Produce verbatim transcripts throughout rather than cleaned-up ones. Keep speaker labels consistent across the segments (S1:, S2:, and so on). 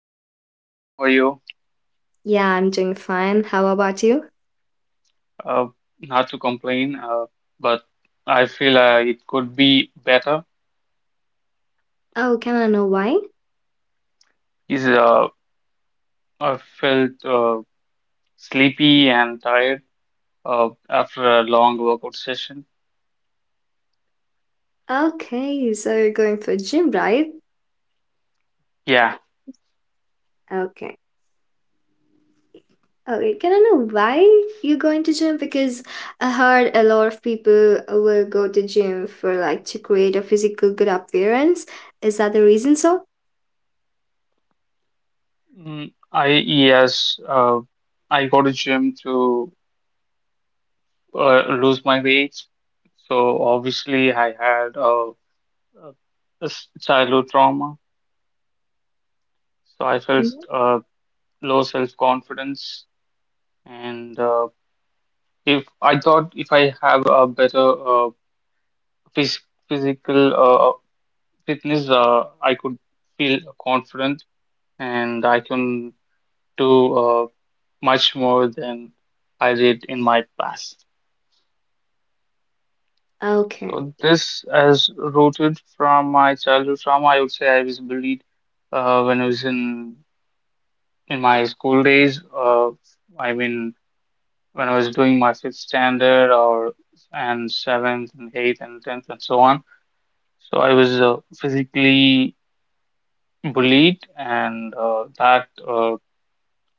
S1: Uh, hi, Shalin. How are you?
S2: Yeah, I'm doing fine. How about you?
S1: Uh, Not to complain, uh, but I feel uh, it could be better.
S2: Oh, can I know why?
S1: Is uh, I felt uh, sleepy and tired uh, after a long workout session.
S2: Okay, so you're going for gym, right?
S1: Yeah,
S2: Okay. Okay, can I know why you're going to gym? Because I heard a lot of people will go to gym for like to create a physical good appearance. Is that the reason so?
S1: mm, I yes, uh, I go to gym to uh, lose my weight. So obviously, I had uh, a a s- childhood trauma, so I felt
S2: Mhm.
S1: uh, low self-confidence and. Uh, If I thought if I have a better uh, phys physical uh, fitness, uh, I could feel confident and I can do uh, much more than I did in my past.
S2: Okay.
S1: So this is rooted from my childhood trauma. I would say I was bullied uh, when I was in in my school days. Uh, I mean, when I was doing my fifth standard or and seventh and eighth and tenth and so on. So I was uh, physically bullied, and uh, that uh,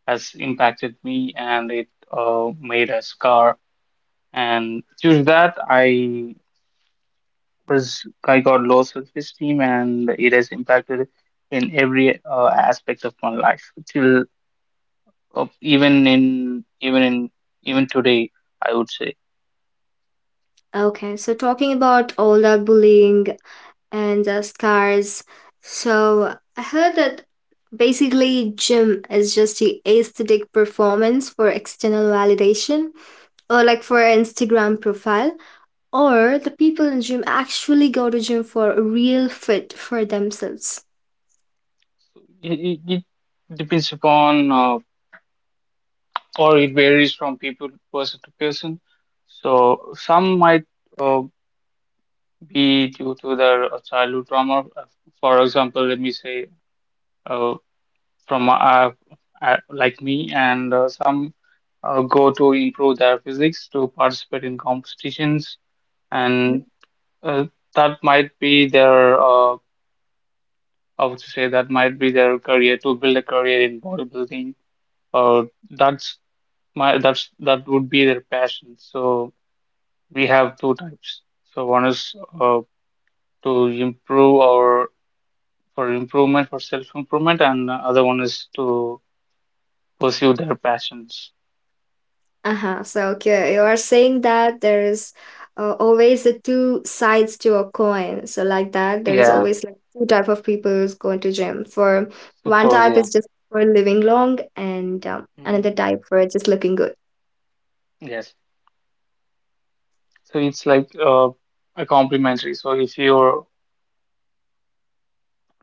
S1: has impacted me, and it uh, made a scar. And due to that, I was I got low self-esteem, and it has impacted in every uh, aspect of my life till uh, even in even in even today, I would say.
S2: Okay, so talking about all that bullying and uh, scars, so I heard that basically, gym is just the aesthetic performance for external validation or like for an Instagram profile. Or the people in gym actually go to gym for a real fit for themselves.
S1: So It, it, it depends upon uh, or it varies from people person to person. So some might uh, be due to their uh, childhood trauma. Uh, For example, let me say uh, from uh, uh, like me, and uh, some uh, go to improve their physics to participate in competitions, and uh, that might be their uh, I would say that might be their career to build a career in bodybuilding, or that's my that's that would be their passion. So we have two types. So one is uh, to improve our for improvement for self improvement, and the other one is to pursue their passions.
S2: Uh-huh. So okay, you are saying that there is uh, always the two sides to a coin. So like that, there is
S1: Yeah,
S2: always like two type of people who's going to gym. For
S1: of
S2: one
S1: course,
S2: type
S1: yeah.
S2: is just for living long, and um, another
S1: Mm,
S2: type for just looking good.
S1: yes. So it's like uh, a complementary. So if you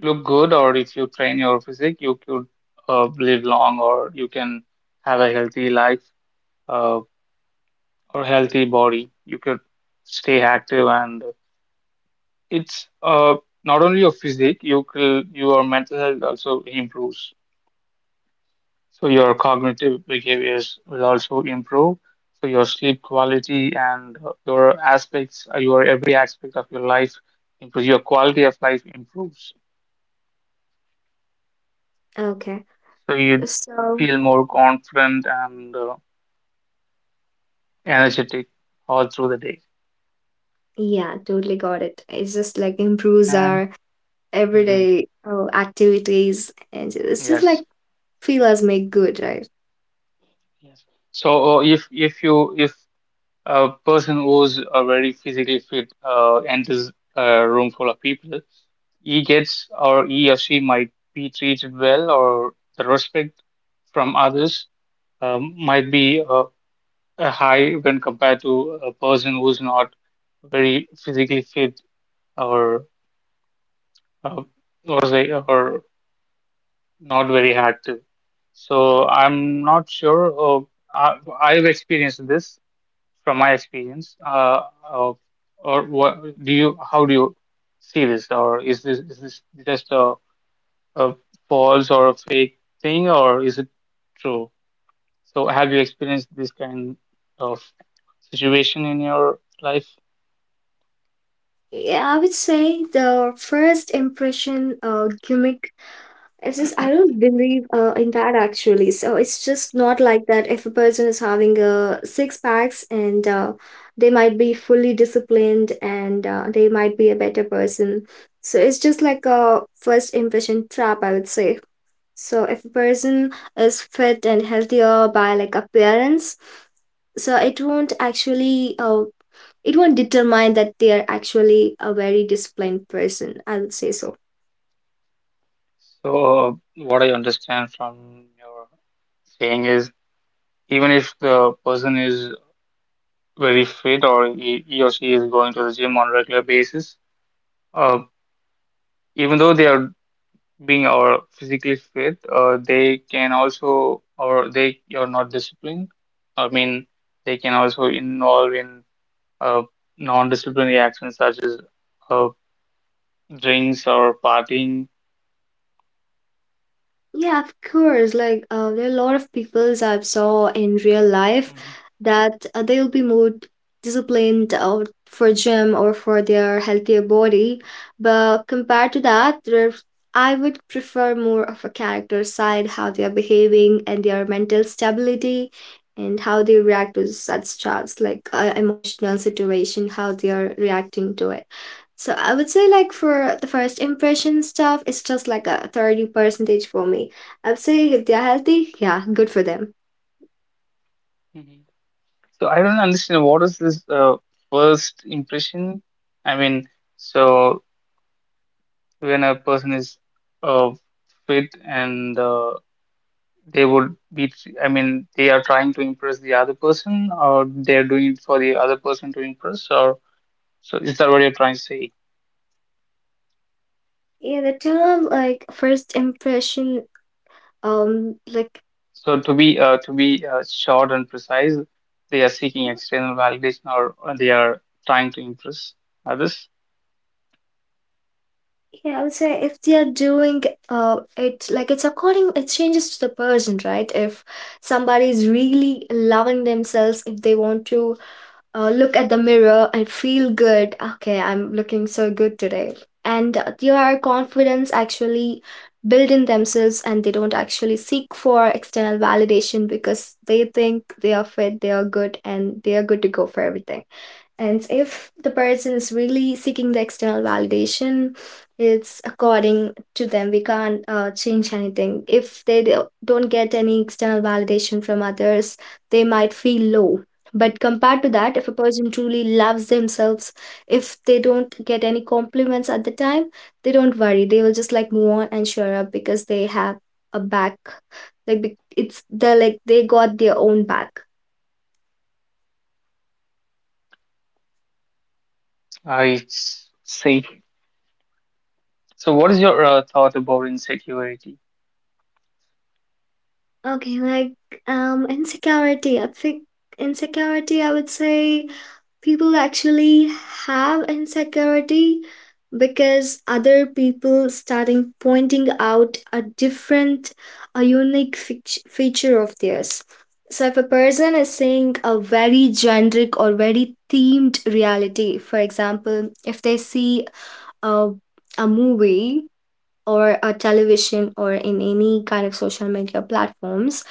S1: look good or if you train your physique, you could uh, live long or you can have a healthy life uh, or healthy body. You could stay active and it's uh, not only your physique, you will, your mental health also improves. So your cognitive behaviors will also improve. So your sleep quality and uh, your aspects, uh, your every aspect of your life improves. Your quality of life improves.
S2: Okay.
S1: So you
S2: So
S1: feel more confident and uh, energetic all through the day.
S2: yeah, totally got it. It's just like improves
S1: And
S2: our
S1: mm,
S2: everyday uh, activities, and it's just like
S1: yes,
S2: feel us make good, right?
S1: yes. So uh, if if you if a person who's uh, very physically fit uh, enters a room full of people, he gets or he or she might be treated well, or the respect from others um, might be uh, uh, high when compared to a person who's not very physically fit or uh, or say or not very active. So I'm not sure. Uh, I, I've experienced this from my experience. Uh, uh, or what do you? How do you see this? Or is this is this just a, a false or a fake thing, or is it true? So have you experienced this kind of situation in your life?
S2: Yeah, I would say the first impression uh, gimmick is just I don't believe uh, in that actually. So it's just not like that. If a person is having a six packs and uh, they might be fully disciplined and uh, they might be a better person. So it's just like a first impression trap, I would say. So if a person is fit and healthier by like appearance, so it won't actually uh, it won't determine that they are actually a very disciplined person. I would say so.
S1: So uh, what I understand from your saying is even if the person is very fit or he, he or she is going to the gym on a regular basis, uh, even though they are being our physically fit, uh, they can also or they are not disciplined. I mean, they can also involve in uh, non-disciplinary actions such as uh, drinks or partying.
S2: Yeah, of course. Like, uh, there are a lot of peoples I've saw in real life
S1: Hmm.
S2: that uh, they'll be more disciplined out for gym or for their healthier body. But compared to that, there I would prefer more of a character side, how they are behaving and their mental stability and how they react to such trials, like uh, emotional situation, how they are reacting to it. So I would say like for the first impression stuff, it's just like a thirty percentage for me. I would say if they're healthy, yeah, good for them.
S1: Hmm. So I don't understand what is this uh, first impression? I mean, so when a person is uh, fit and uh, they would be, I mean, they are trying to impress the other person, or they're doing it for the other person to impress, or so is that what you're trying to say?
S2: Yeah, the term like first impression, um, like
S1: So to be uh, to be uh, short and precise, they are seeking external validation, or, or they are trying to impress others.
S2: yeah, I would say if they are doing uh it like it's according it changes to the person, right? If somebody is really loving themselves, if they want to uh, look at the mirror and feel good. Okay, I'm looking so good today. And uh, their confidence actually build in themselves and they don't actually seek for external validation because they think they are fit, they are good, and they are good to go for everything. And if the person is really seeking the external validation, it's according to them. We can't uh, change anything. If they do- don't get any external validation from others, they might feel low, but compared to
S1: Mm.
S2: that, if a person truly loves themselves, if they don't get any compliments at the time, they don't worry. They will just like move on and share up because they have a back. Like be- it's they're like they got their own back.
S1: I see. So what is your uh, thought about insecurity?
S2: Okay, like um, insecurity. I think insecurity I would say people actually have insecurity because other people starting pointing out a different a unique fea- feature of theirs, so if a person is saying a very generic or very themed reality, for example, if they see a, a movie or a television or in any kind of social media platforms,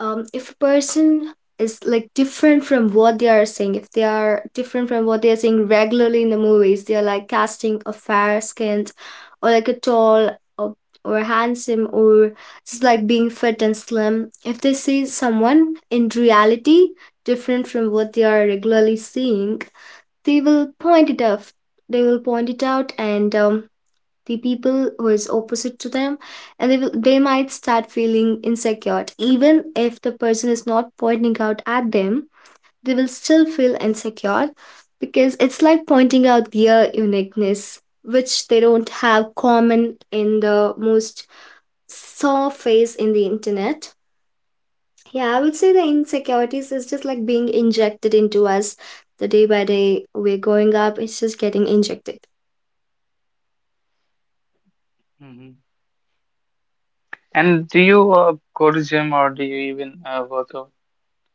S2: um, if a person is like different from what they are saying, if they are different from what they are saying regularly in the movies, they are like casting a fair skinned or like a tall or, or handsome or just like being fit and slim. If they see someone in reality different from what they are regularly seeing, they will point it out. They will point it out, and um, the people who is opposite to them and they will they might start feeling insecure even if the person is not pointing out at them, they will still feel insecure because it's like pointing out their uniqueness which they don't have common in the most saw face in the internet. Yeah, I would say the insecurities is just like being injected into us, the day by day we're going up, it's just getting injected.
S1: Hmm. And do you uh, go to gym or do you even uh, work out?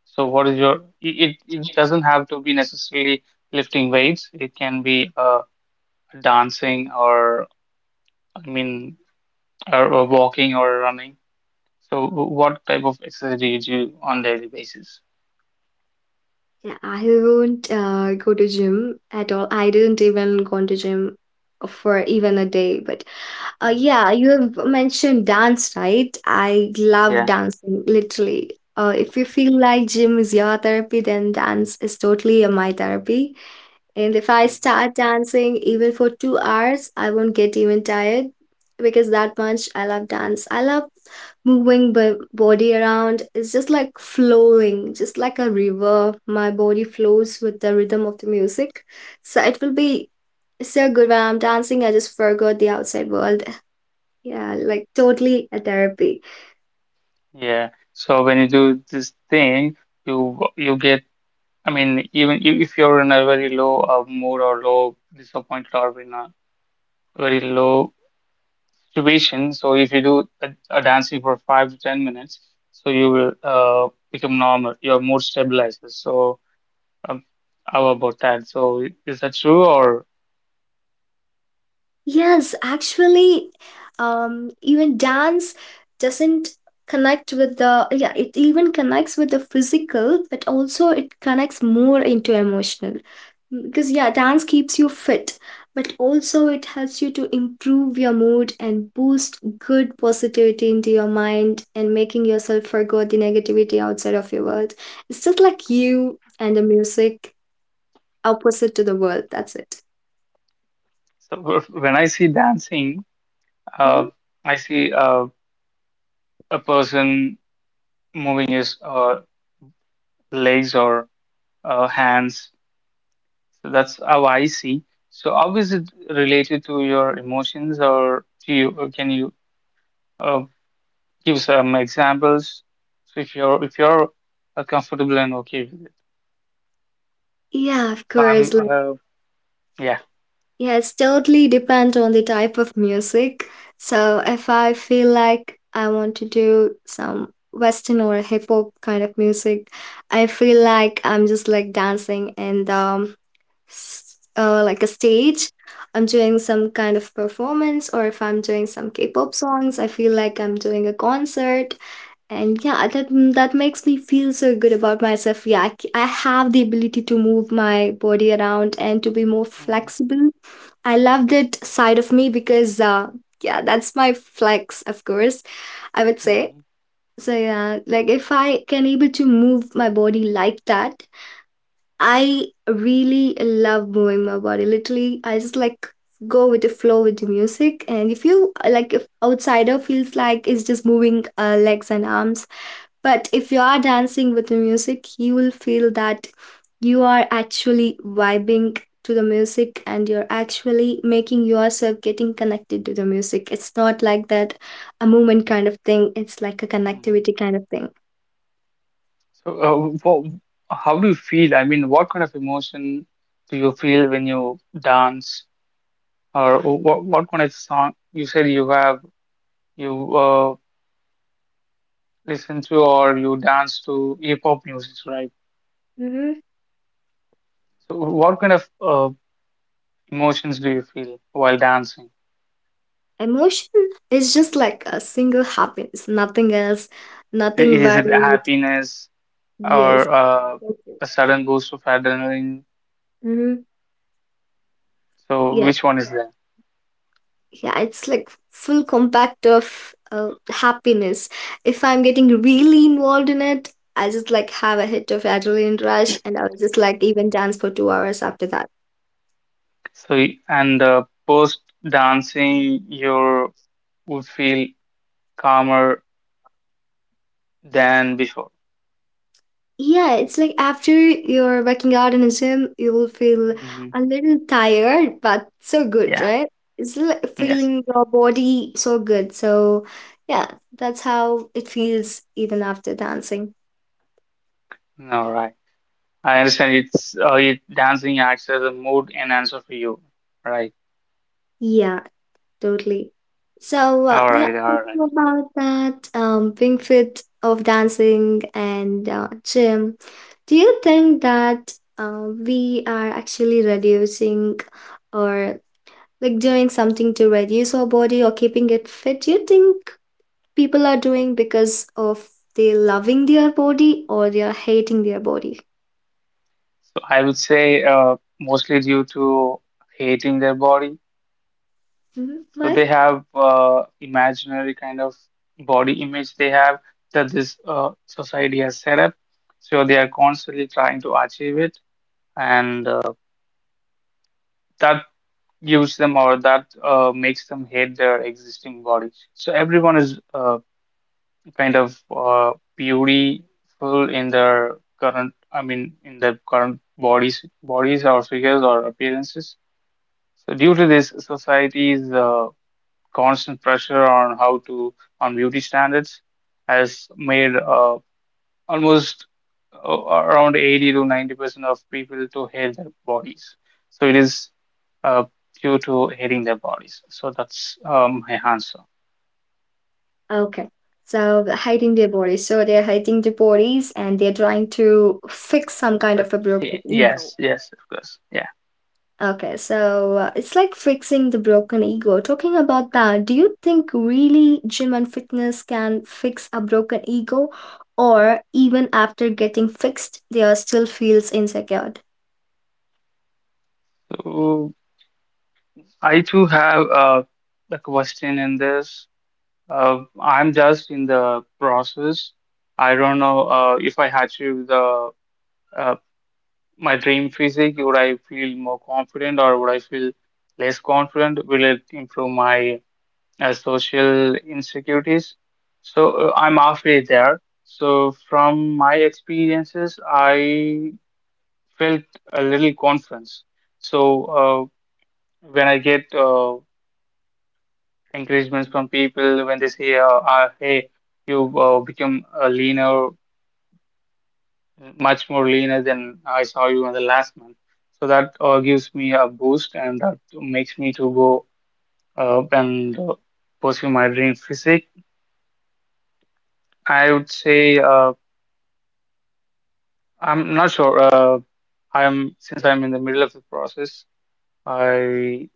S1: So what is your, i- it, it doesn't have to be necessarily lifting weights. It can be uh, dancing or, I mean, or, or walking or running. So wh- what type of exercise do you do on daily basis?
S2: Yeah, I won't uh, go to gym at all. I didn't even go to gym for even a day. But uh,
S1: Mhm.
S2: yeah, you have mentioned dance, right? I love
S1: Yeah.
S2: dancing, literally. Uh, if you feel like gym is your therapy, then dance is totally uh, my therapy. And if I
S1: Hmm.
S2: start dancing even for two hours, I won't get even tired because that much I love dance. I love moving my body around. It's just like flowing, just like a river. My body flows with the rhythm of the music. So it will be so good when I'm dancing. I just forgot the outside world. Yeah, like totally a therapy.
S1: Yeah. So when you do this thing, you you get, I mean, even if if you're in a very low uh, mood or low disappointed or in a very low situation. So if you do a, a dancing for five to ten minutes, so you will uh, become normal. Your mood stabilizes. So um, how about that? So is that true or?
S2: Yes, actually, um, even dance doesn't connect with the, yeah, it even connects with the physical, but also it connects more into emotional. Because, yeah, dance keeps you fit, but also it helps you to improve your mood and boost good positivity into your mind and making yourself forget the negativity outside of your world. It's just like you and the music opposite to the world. That's it.
S1: So wh- when I see dancing, uh,
S2: Mhm.
S1: I see uh, a person moving his uh, legs or uh, hands. So that's how I see. So how is it related to your emotions or do you, or can you uh, give some examples. So if you're if you're uh, comfortable and okay with it.
S2: Yeah, of
S1: So
S2: course.
S1: I'm uh, yeah.
S2: Yeah, it's totally depend on the type of music. So if I feel like I want to do some Western or hip hop kind of music, I feel like I'm just like dancing and um s- uh, like a stage. I'm doing some kind of performance, or if I'm doing some K-pop songs, I feel like I'm doing a concert. And yeah, that mm, that makes me feel so good about myself. Yeah, I, c- I have the ability to move my body around and to be more
S1: Hmm.
S2: flexible. I love that side of me because, uh, yeah, that's my flex, of course, I would say.
S1: Hmm.
S2: So, yeah, like if I can able to move my body like that, I really love moving my body. Literally, I just like go with the flow with the music. And if you like, if outsider feels like it's just moving uh, legs and arms, but if you are dancing with the music, you will feel that you are actually vibing to the music and you're actually making yourself getting connected to the music. It's not like that a movement kind of thing, it's like a
S1: Hmm.
S2: connectivity kind of thing.
S1: So uh, wha- how do you feel? I mean, what kind of emotion do you feel when you dance, or what what kind of song you said you have you uh, listen to or you dance to hip hop music, right? So what kind of uh, emotions do you feel while dancing?
S2: Emotion is just like a single happiness, nothing else,
S1: I-
S2: nothing
S1: Is it
S2: varied.
S1: happiness?
S2: Yes.
S1: Or uh, a sudden boost of adrenaline.
S2: Mm-hmm.
S1: So
S2: Yeah.
S1: which one is there?
S2: Yeah. It's like full compact of uh, happiness. If I'm getting really involved in it, I just like have a hit of adrenaline rush and I'll just like even dance for two hours after that.
S1: So y- and uh, post dancing, you would feel calmer than before.
S2: Yeah, it's like after you're working out in a gym, you will feel
S1: Hmm.
S2: a little tired, but so good,
S1: Yeah.
S2: right? It's like
S1: Yes.
S2: feeling your body so good. So, yeah, that's how it feels even after dancing.
S1: All right. I understand. It's uh, it Dancing acts as a mood enhancer for you, right?
S2: Yeah, totally. So, uh,
S1: All
S2: yeah,
S1: right. All
S2: thinking
S1: right.
S2: about that, um, being fit of dancing and uh, gym, do you think that uh, we are actually reducing? Or like doing something to reduce our body or keeping it fit, do you think people are doing because of they loving their body or they are hating their body?
S1: So I would say uh, mostly due to hating their body.
S2: Hmm,
S1: So
S2: why?
S1: they have uh, imaginary kind of body image they have that this uh, society has set up. So they are constantly trying to achieve it, and uh, that gives them or that uh, makes them hate their existing body. So everyone is uh, kind of uh, beautiful in their current, I mean, in their current bodies, bodies or figures or appearances. So due to this, society's uh, constant pressure on how to on beauty standards has made uh, almost uh, around eighty to ninety percent of people to hate their bodies. So it is uh, due to hating their bodies. So that's um, my answer.
S2: Okay, so the hating their body, so they're hating their bodies and they're trying to fix some kind
S1: But
S2: of a broken
S1: y-
S2: ego.
S1: yes, yes, of course, yeah.
S2: Okay, so uh, it's like fixing the broken ego. Talking about that, do you think really gym and fitness can fix a broken ego, or even after getting fixed, they are still feels insecure?
S1: So I too have uh, a question in this. Uh, I'm just in the process. I don't know uh, if I had to the uh, my dream physique? Would I feel more confident or would I feel less confident? Will it improve my uh, social insecurities? So uh, I'm halfway there. So from my experiences, I felt a little confidence. So uh, when I get uh, encouragements from people, when they say, uh, uh, "Hey, you uh, become a leaner," much more leaner than I saw you in the last month. So that uh, gives me a boost and that makes me to go uh, and uh, pursue my dream physique. I would say uh, I'm not sure. Uh, I'm Since I'm in the middle of the process, I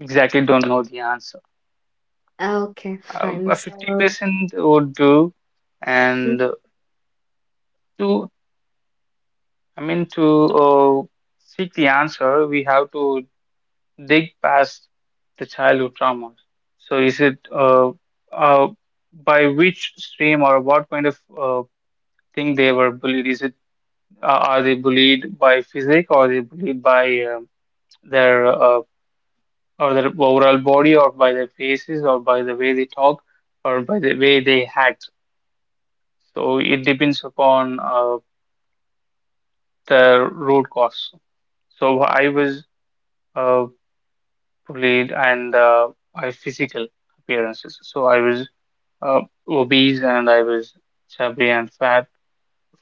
S1: exactly don't know the answer.
S2: Okay,
S1: Uh,
S2: fine.
S1: a
S2: So,
S1: fifty percent would do,
S2: mhm,
S1: and to I mean to uh, seek the answer, we have to dig past the childhood traumas. So is it uh, uh, by which stream or what kind of uh, thing they were bullied? Is it uh, are they bullied by physique or are they bullied by um their uh, or their overall body or by their faces or by the way they talk or by the way they act? So it depends upon uh, the root cause. So I was uh, bullied and uh, my physical appearances. So I was uh, obese and I was chubby and fat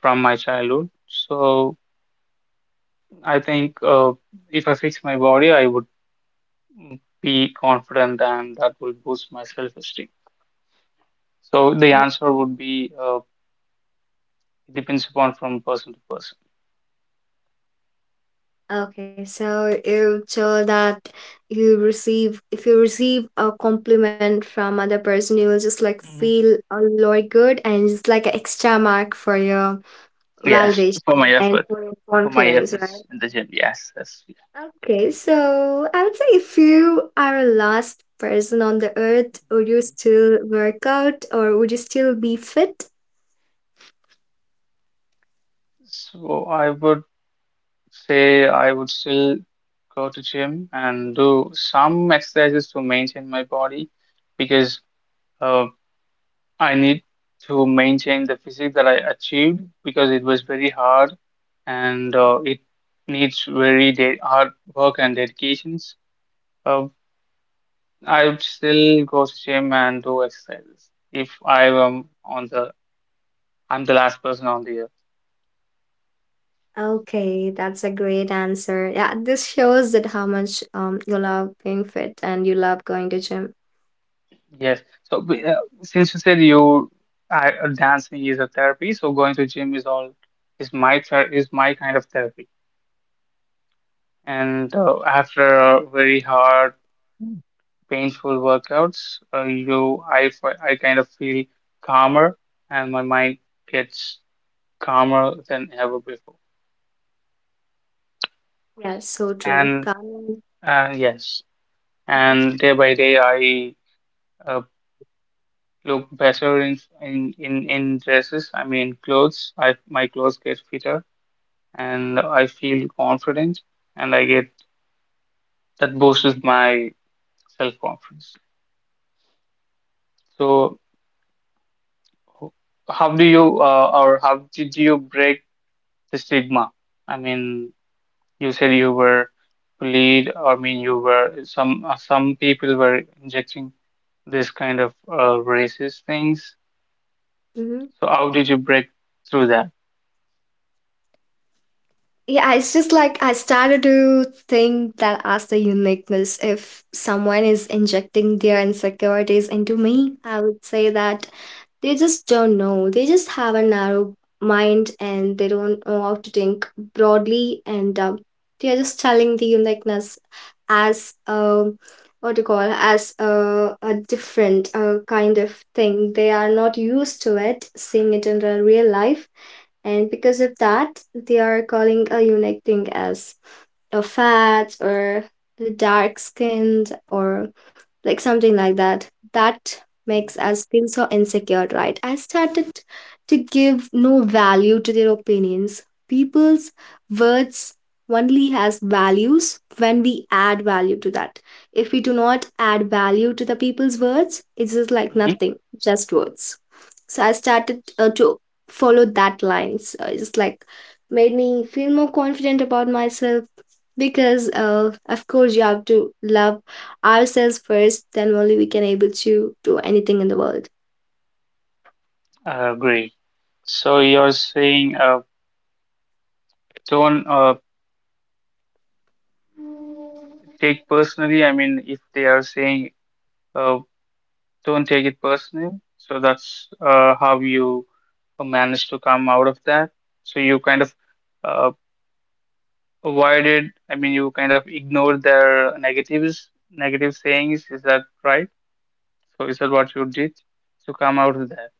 S1: from my childhood. So I think uh, if I fix my body, I would be confident and that will boost my self-esteem. So the
S2: uh,
S1: answer would be uh, depends upon from person to person.
S2: okay, so you told that you receive if you receive a compliment from other person, you will just like
S1: Mhm.
S2: feel a lot good and it's like an extra mark for your
S1: Yes, for
S2: validation
S1: my
S2: and
S1: effort,
S2: for your
S1: for my
S2: confidence, right?
S1: efforts in the gym. Yes, yes, yes.
S2: Okay, so I would say if you are a last person on the earth, would you
S1: Mhm.
S2: still work out or would you still be fit?
S1: So I would say I would still go to gym and do some exercises to maintain my body because uh, I need to maintain the physique that I achieved because it was very hard and uh, it needs very de hard work and dedications. Uh, I would still go to gym and do exercises if I am on the I'm the last person on the earth.
S2: Okay, that's a great answer. Yeah, this shows that how much um, you love being fit and you love going to gym.
S1: Yes. So b- uh, since you said you I, uh, dancing is a therapy, so going to gym is all is my ther is my kind of therapy. And uh, after a very hard painful workouts, uh, you I, fi- I kind of feel calmer and my mind gets calmer than ever before.
S2: Yeah, so true.
S1: And
S2: Got it.
S1: uh, yes, and day by day I uh, look better in, in in in dresses. I mean clothes. I my clothes get fitter and I feel confident and I get that boosts my self-confidence. So h- how do you uh, or how did you break the stigma? I mean, you said you were bullied. I mean, you were some uh, some people were injecting this kind of uh, racist things.
S2: Mhm.
S1: So how did you break through that?
S2: Yeah, it's just like I started to think that as the uniqueness, if someone is injecting their insecurities into me, I would say that they just don't know. They just have a narrow mind and they don't know how to think broadly, and um, they are just telling the uniqueness as a what do you call as a, a different uh, kind of thing. They are not used to it, seeing it in the real life, and because of that, they are calling a unique thing as a fat or the dark skinned or like something like that that makes us feel so insecure, right? I started to give no value to their opinions. People's words only has values when we add value to that. If we do not add value to the people's words, it's just like
S1: Mm-hmm.
S2: nothing, just words. So I started uh, to follow that line, so it's just like made me feel more confident about myself, because uh, of course you have to love ourselves first, then only we can able to do anything in the world.
S1: I agree. So you're saying uh, don't uh, take personally. I mean, if they are saying uh, don't take it personal, so that's uh, how you uh, managed to come out of that. So you kind of uh, Why did, I mean, you kind of ignored their negatives, negative sayings. Is that right? So is that what you did to come out of that?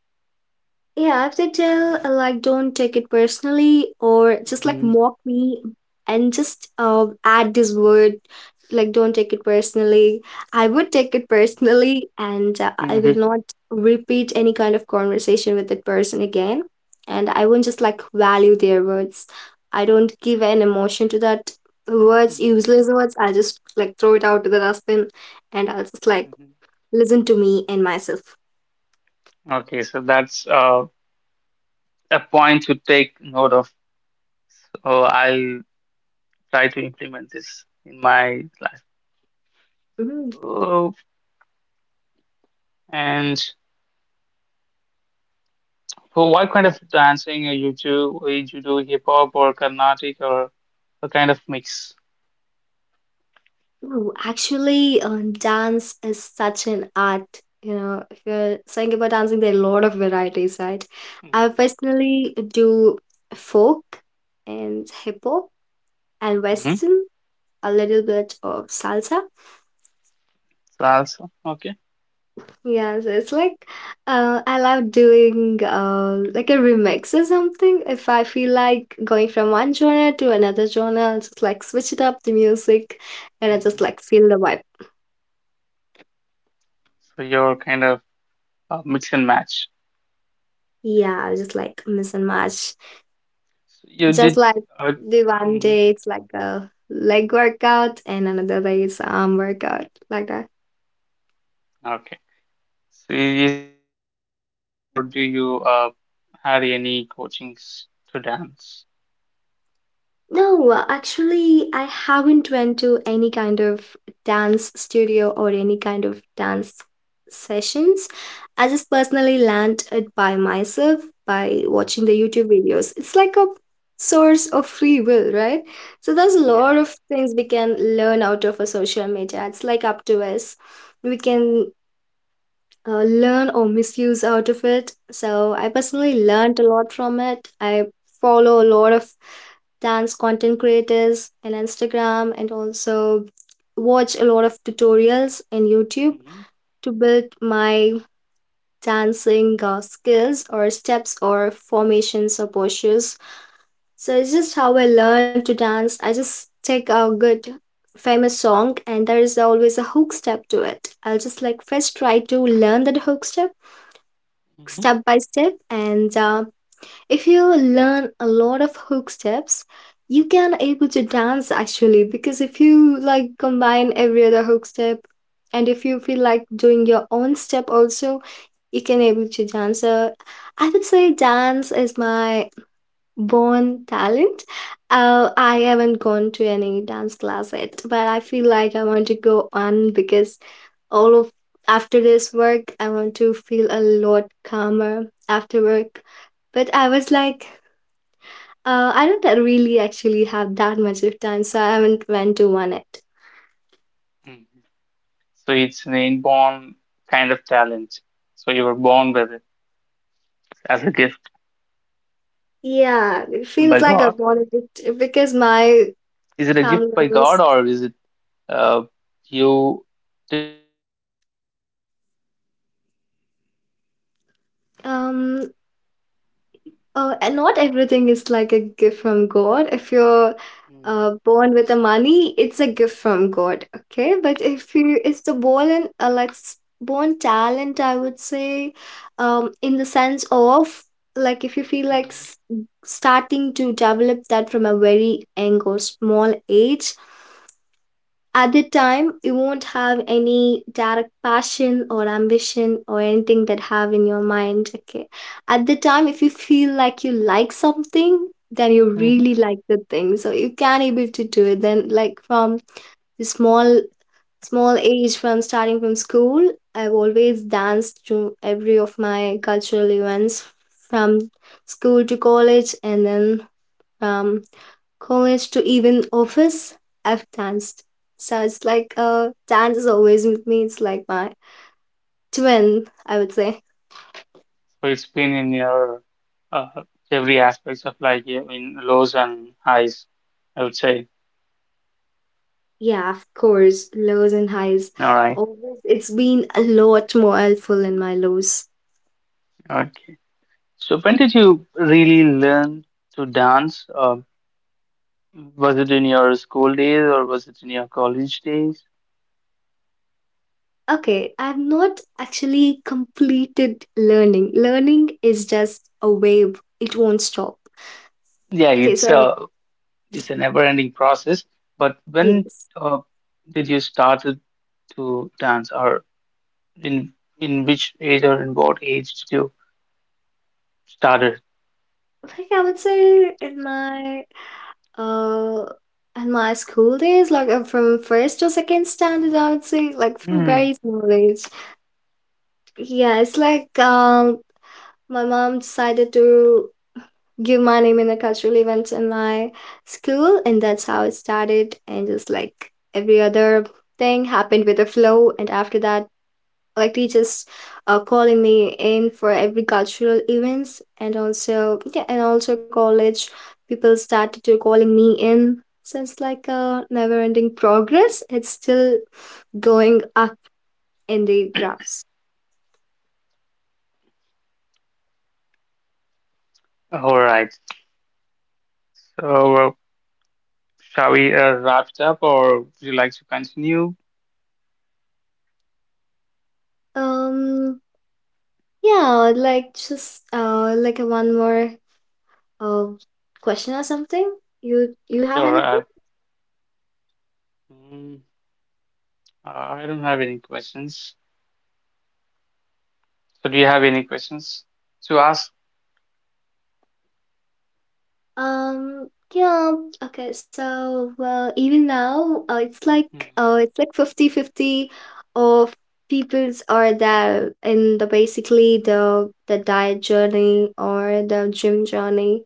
S2: Yeah, if they tell uh, like don't take it personally or just like
S1: hmm
S2: mock me and just uh, add this word like don't take it personally, I would take it personally and uh,
S1: hmm
S2: I
S1: hmm
S2: will not repeat any kind of conversation with that person again. And I won't just like value their words. I don't give an emotion to that words,
S1: hmm
S2: useless words. I just like throw it out to the dustbin, and I'll just like listen to me and myself.
S1: Okay, so that's uh, a point to take note of. So I'll try to implement this in my life.
S2: Mhm.
S1: Oh, and so what
S2: Yeah.
S1: kind of dancing are you do? Or you do hip hop or Carnatic or a kind of mix?
S2: Oh, actually, um, dance is such an art. You know, if you're saying about dancing, there are a lot of varieties, right? I personally do folk and hip hop and
S1: Mm-hmm.
S2: western, a little bit of salsa.
S1: Salsa, okay.
S2: Yeah, so it's like uh, I love doing uh, like a remix or something. If I feel like going from one genre to another genre, I'll just like switch it up the music, and I just like feel the vibe.
S1: So you're kind of uh, mix and match.
S2: Yeah, just like miss and match.
S1: So you
S2: Just
S1: did.
S2: like
S1: Uh,
S2: the one
S1: mhm,
S2: day it's like a leg workout and another day it's arm workout like that.
S1: Okay. So i- is it kind of self-taught, or do you uh, had any coachings to dance?
S2: No, uh, actually, I haven't went to any kind of dance studio or any kind of dance sessions. I just personally learned it by myself by watching the
S1: Mhm.
S2: YouTube videos. It's like a source of free will, right? So there's a
S1: Yeah.
S2: lot of things we can learn out of a social media. It's like up to us. We can uh, learn or misuse out of it. So I personally learned a lot from it. I follow a lot of dance content creators on Instagram and also watch a lot of tutorials in YouTube
S1: Mm-hmm.
S2: to build my dancing uh, skills or steps or formations or postures. So it's just how I learn to dance. I just take a good famous song, and there is always a hook step to it. I'll just like first try to learn that hook step,
S1: hmm
S2: step by step, and uh, if you learn a lot of hook steps, you can able to dance actually, because if you like combine every other hook step, and if you feel like doing your own step also, you can able to dance. So I would say dance is my born talent. Uh, I haven't gone to any dance class yet, but I feel like I want to go on because all of after this work, I want to feel a lot calmer after work. But I was like, uh, I don't really actually have that much of time, so I haven't went to one yet.
S1: hmm So it's an inborn kind of talent. So you were born with it as a gift
S2: Yeah, it feels
S1: by
S2: like I
S1: God.
S2: wanted it because my
S1: Is it a
S2: family
S1: gift by God,
S2: always.
S1: or is it uh, you did it while growing? I mean, it's a gift that you gave yourself.
S2: Um, Uh, and not everything is like a gift from God. If you're
S1: Mm-hmm.
S2: uh, born with the money, it's a gift from God. Okay, but if you it's the born and uh, let's born talent, I would say, um, in the sense of, like, if you feel like
S1: Mm-hmm.
S2: s- starting to develop that from a very young or small age. At the time you won't have any direct passion or ambition or anything that have in your mind. Okay, at the time if you feel like you like something, then you really like the thing, so you can able to do it. Then like from the small small age, from starting from school, I've always danced to every of my cultural events, from school to college, and then from college to even office, I've danced. So it's like uh, dance is always with me. It's like my twin, I would say.
S1: So it's been in your uh, every aspects of life, yeah, in lows and highs, I would say.
S2: Yeah, of course, lows and highs.
S1: All right.
S2: Always, it's been a lot more helpful in my lows.
S1: Okay. So when did you really learn to dance? Uh, was it in your school days or was it in your college days?
S2: Okay, I've not actually completed learning. Learning is just a wave; it won't stop.
S1: Yeah,
S2: Okay,
S1: it's
S2: so
S1: a it's a never-ending process. But when
S2: yes,
S1: uh, did you started to dance, or in in which age or in what age did you started?
S2: like I would say in my Uh, and my school days, like uh, from first to second standard, I would say, like from
S1: Hmm.
S2: very small age. Yeah, it's like um, my mom decided to give my name in a cultural event in my school, and that's how it started. And just like every other thing happened with a flow, and after that, like teachers uh, calling me in for every cultural events, and also, yeah, and also college people started to calling me in. So it's like a never ending progress, it's still going up in the graphs.
S1: All right. So, uh, shall we uh, wrap it up, or would you like to continue?
S2: um yeah, like, just uh like a one more uh question or something. You you have
S1: Sure.
S2: anything?
S1: Uh, mm, uh, I don't have any questions. So, do you have any questions to ask?
S2: Um, yeah, okay, so well, even now, uh, it's
S1: Mm.
S2: like uh, it's like fifty-fifty, of peoples are there in the basically the the diet journey or the gym journey.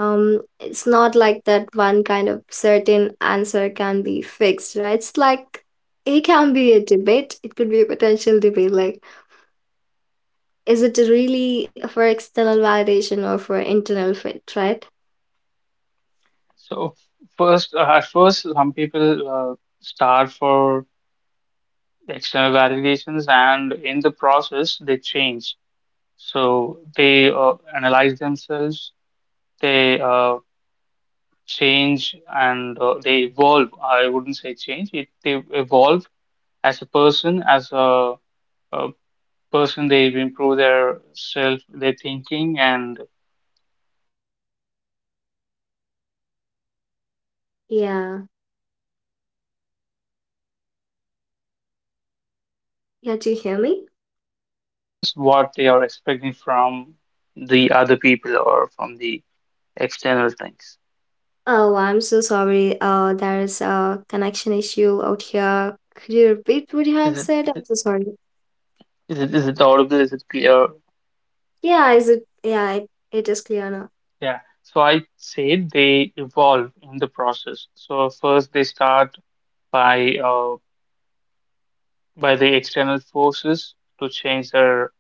S2: Um, it's not like that one kind of certain answer can be fixed, right? It's like it can be a debate. It could be a potential debate, like is it really for external validation or for internal fit, right?
S1: So, first, uh, at first, some people uh, start for external validations, and in the process, they change. So, they uh, analyze themselves, they uh, change, and uh, they evolve. I wouldn't say change; it, they evolve as a person, as a, a person, they improve their self, their thinking, and they kind of move from external
S2: Yeah.
S1: validations to internal validations. So they
S2: Yeah,
S1: give
S2: do you hear me?
S1: to themselves what they are expecting from the other people or from the external things.
S2: Oh, well, I'm so sorry. Uh, there is a connection issue out here. Could you repeat what you
S1: Is
S2: have
S1: it
S2: said?
S1: is
S2: I'm
S1: it
S2: so sorry.
S1: is it, is it audible? Is it clear?
S2: Yeah, is it? Yeah, it, it is clear now.
S1: Yeah. So I say they evolve in the process. So first they start by uh, by the external forces to change their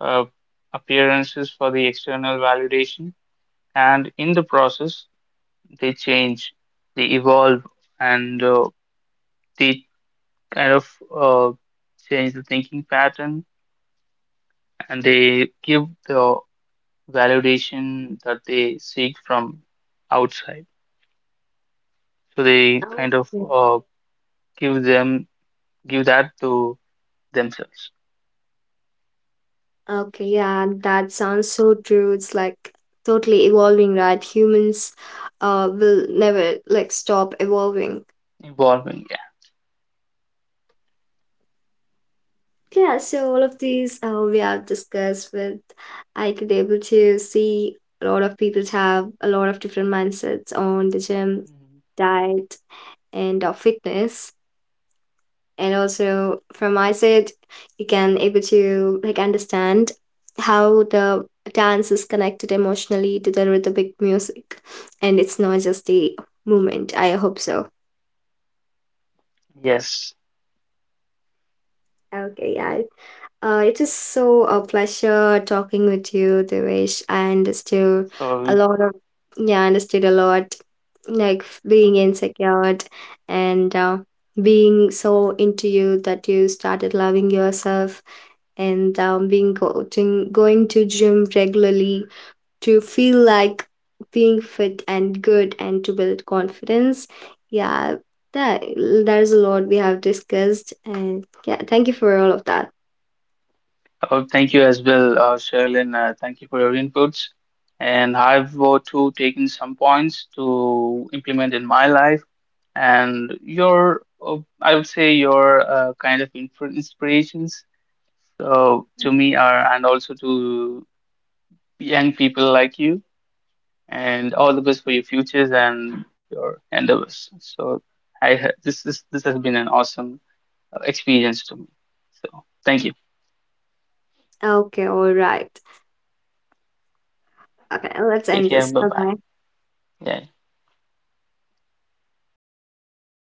S1: uh, appearances for the external validation, and in the process, they change, they evolve, and uh, they kind of uh, change the thinking pattern and they give the validation that they seek from outside. So they kind of
S2: Okay.
S1: uh, give them give that to themselves,
S2: Okay, yeah, that sounds so true. It's like totally evolving, right? Humans uh will never like stop evolving.
S1: evolving.
S2: Yeah, so all of these uh, we have discussed with. I could able to see a lot of people have a lot of different mindsets on the gym,
S1: Yeah. Mhm.
S2: diet, and uh, fitness, and also from my side you can able to like understand how the dance is connected emotionally to the rhythmic music, and it's not just the movement, I hope so.
S1: Yes.
S2: Okay, yeah, uh, it is so a pleasure talking with you, Devesh. I understood a
S1: So.
S2: lot of, yeah, I understood a lot, like f- being insecure and uh, being so into you that you started loving yourself and um, being coaching, going to gym regularly to feel like being fit and good and to build confidence. Yeah, that there's a lot we have discussed, and yeah, thank you for all of that.
S1: Oh, thank you as well, uh, Sherilyn. Uh, thank you for your inputs. And I've uh, too taken some points to implement in my life. And your, uh, I would say, your uh, kind of influ- inspirations uh, to me are, and also to young people like you. And all the best for your futures and your endeavors. So, I ha- this this this has been an awesome uh, experience to me. So, thank you.
S2: Okay, all right. Okay, let's
S1: Take
S2: end
S1: care.
S2: this.
S1: Bye
S2: Bye
S1: bye.
S2: bye.
S1: Yeah.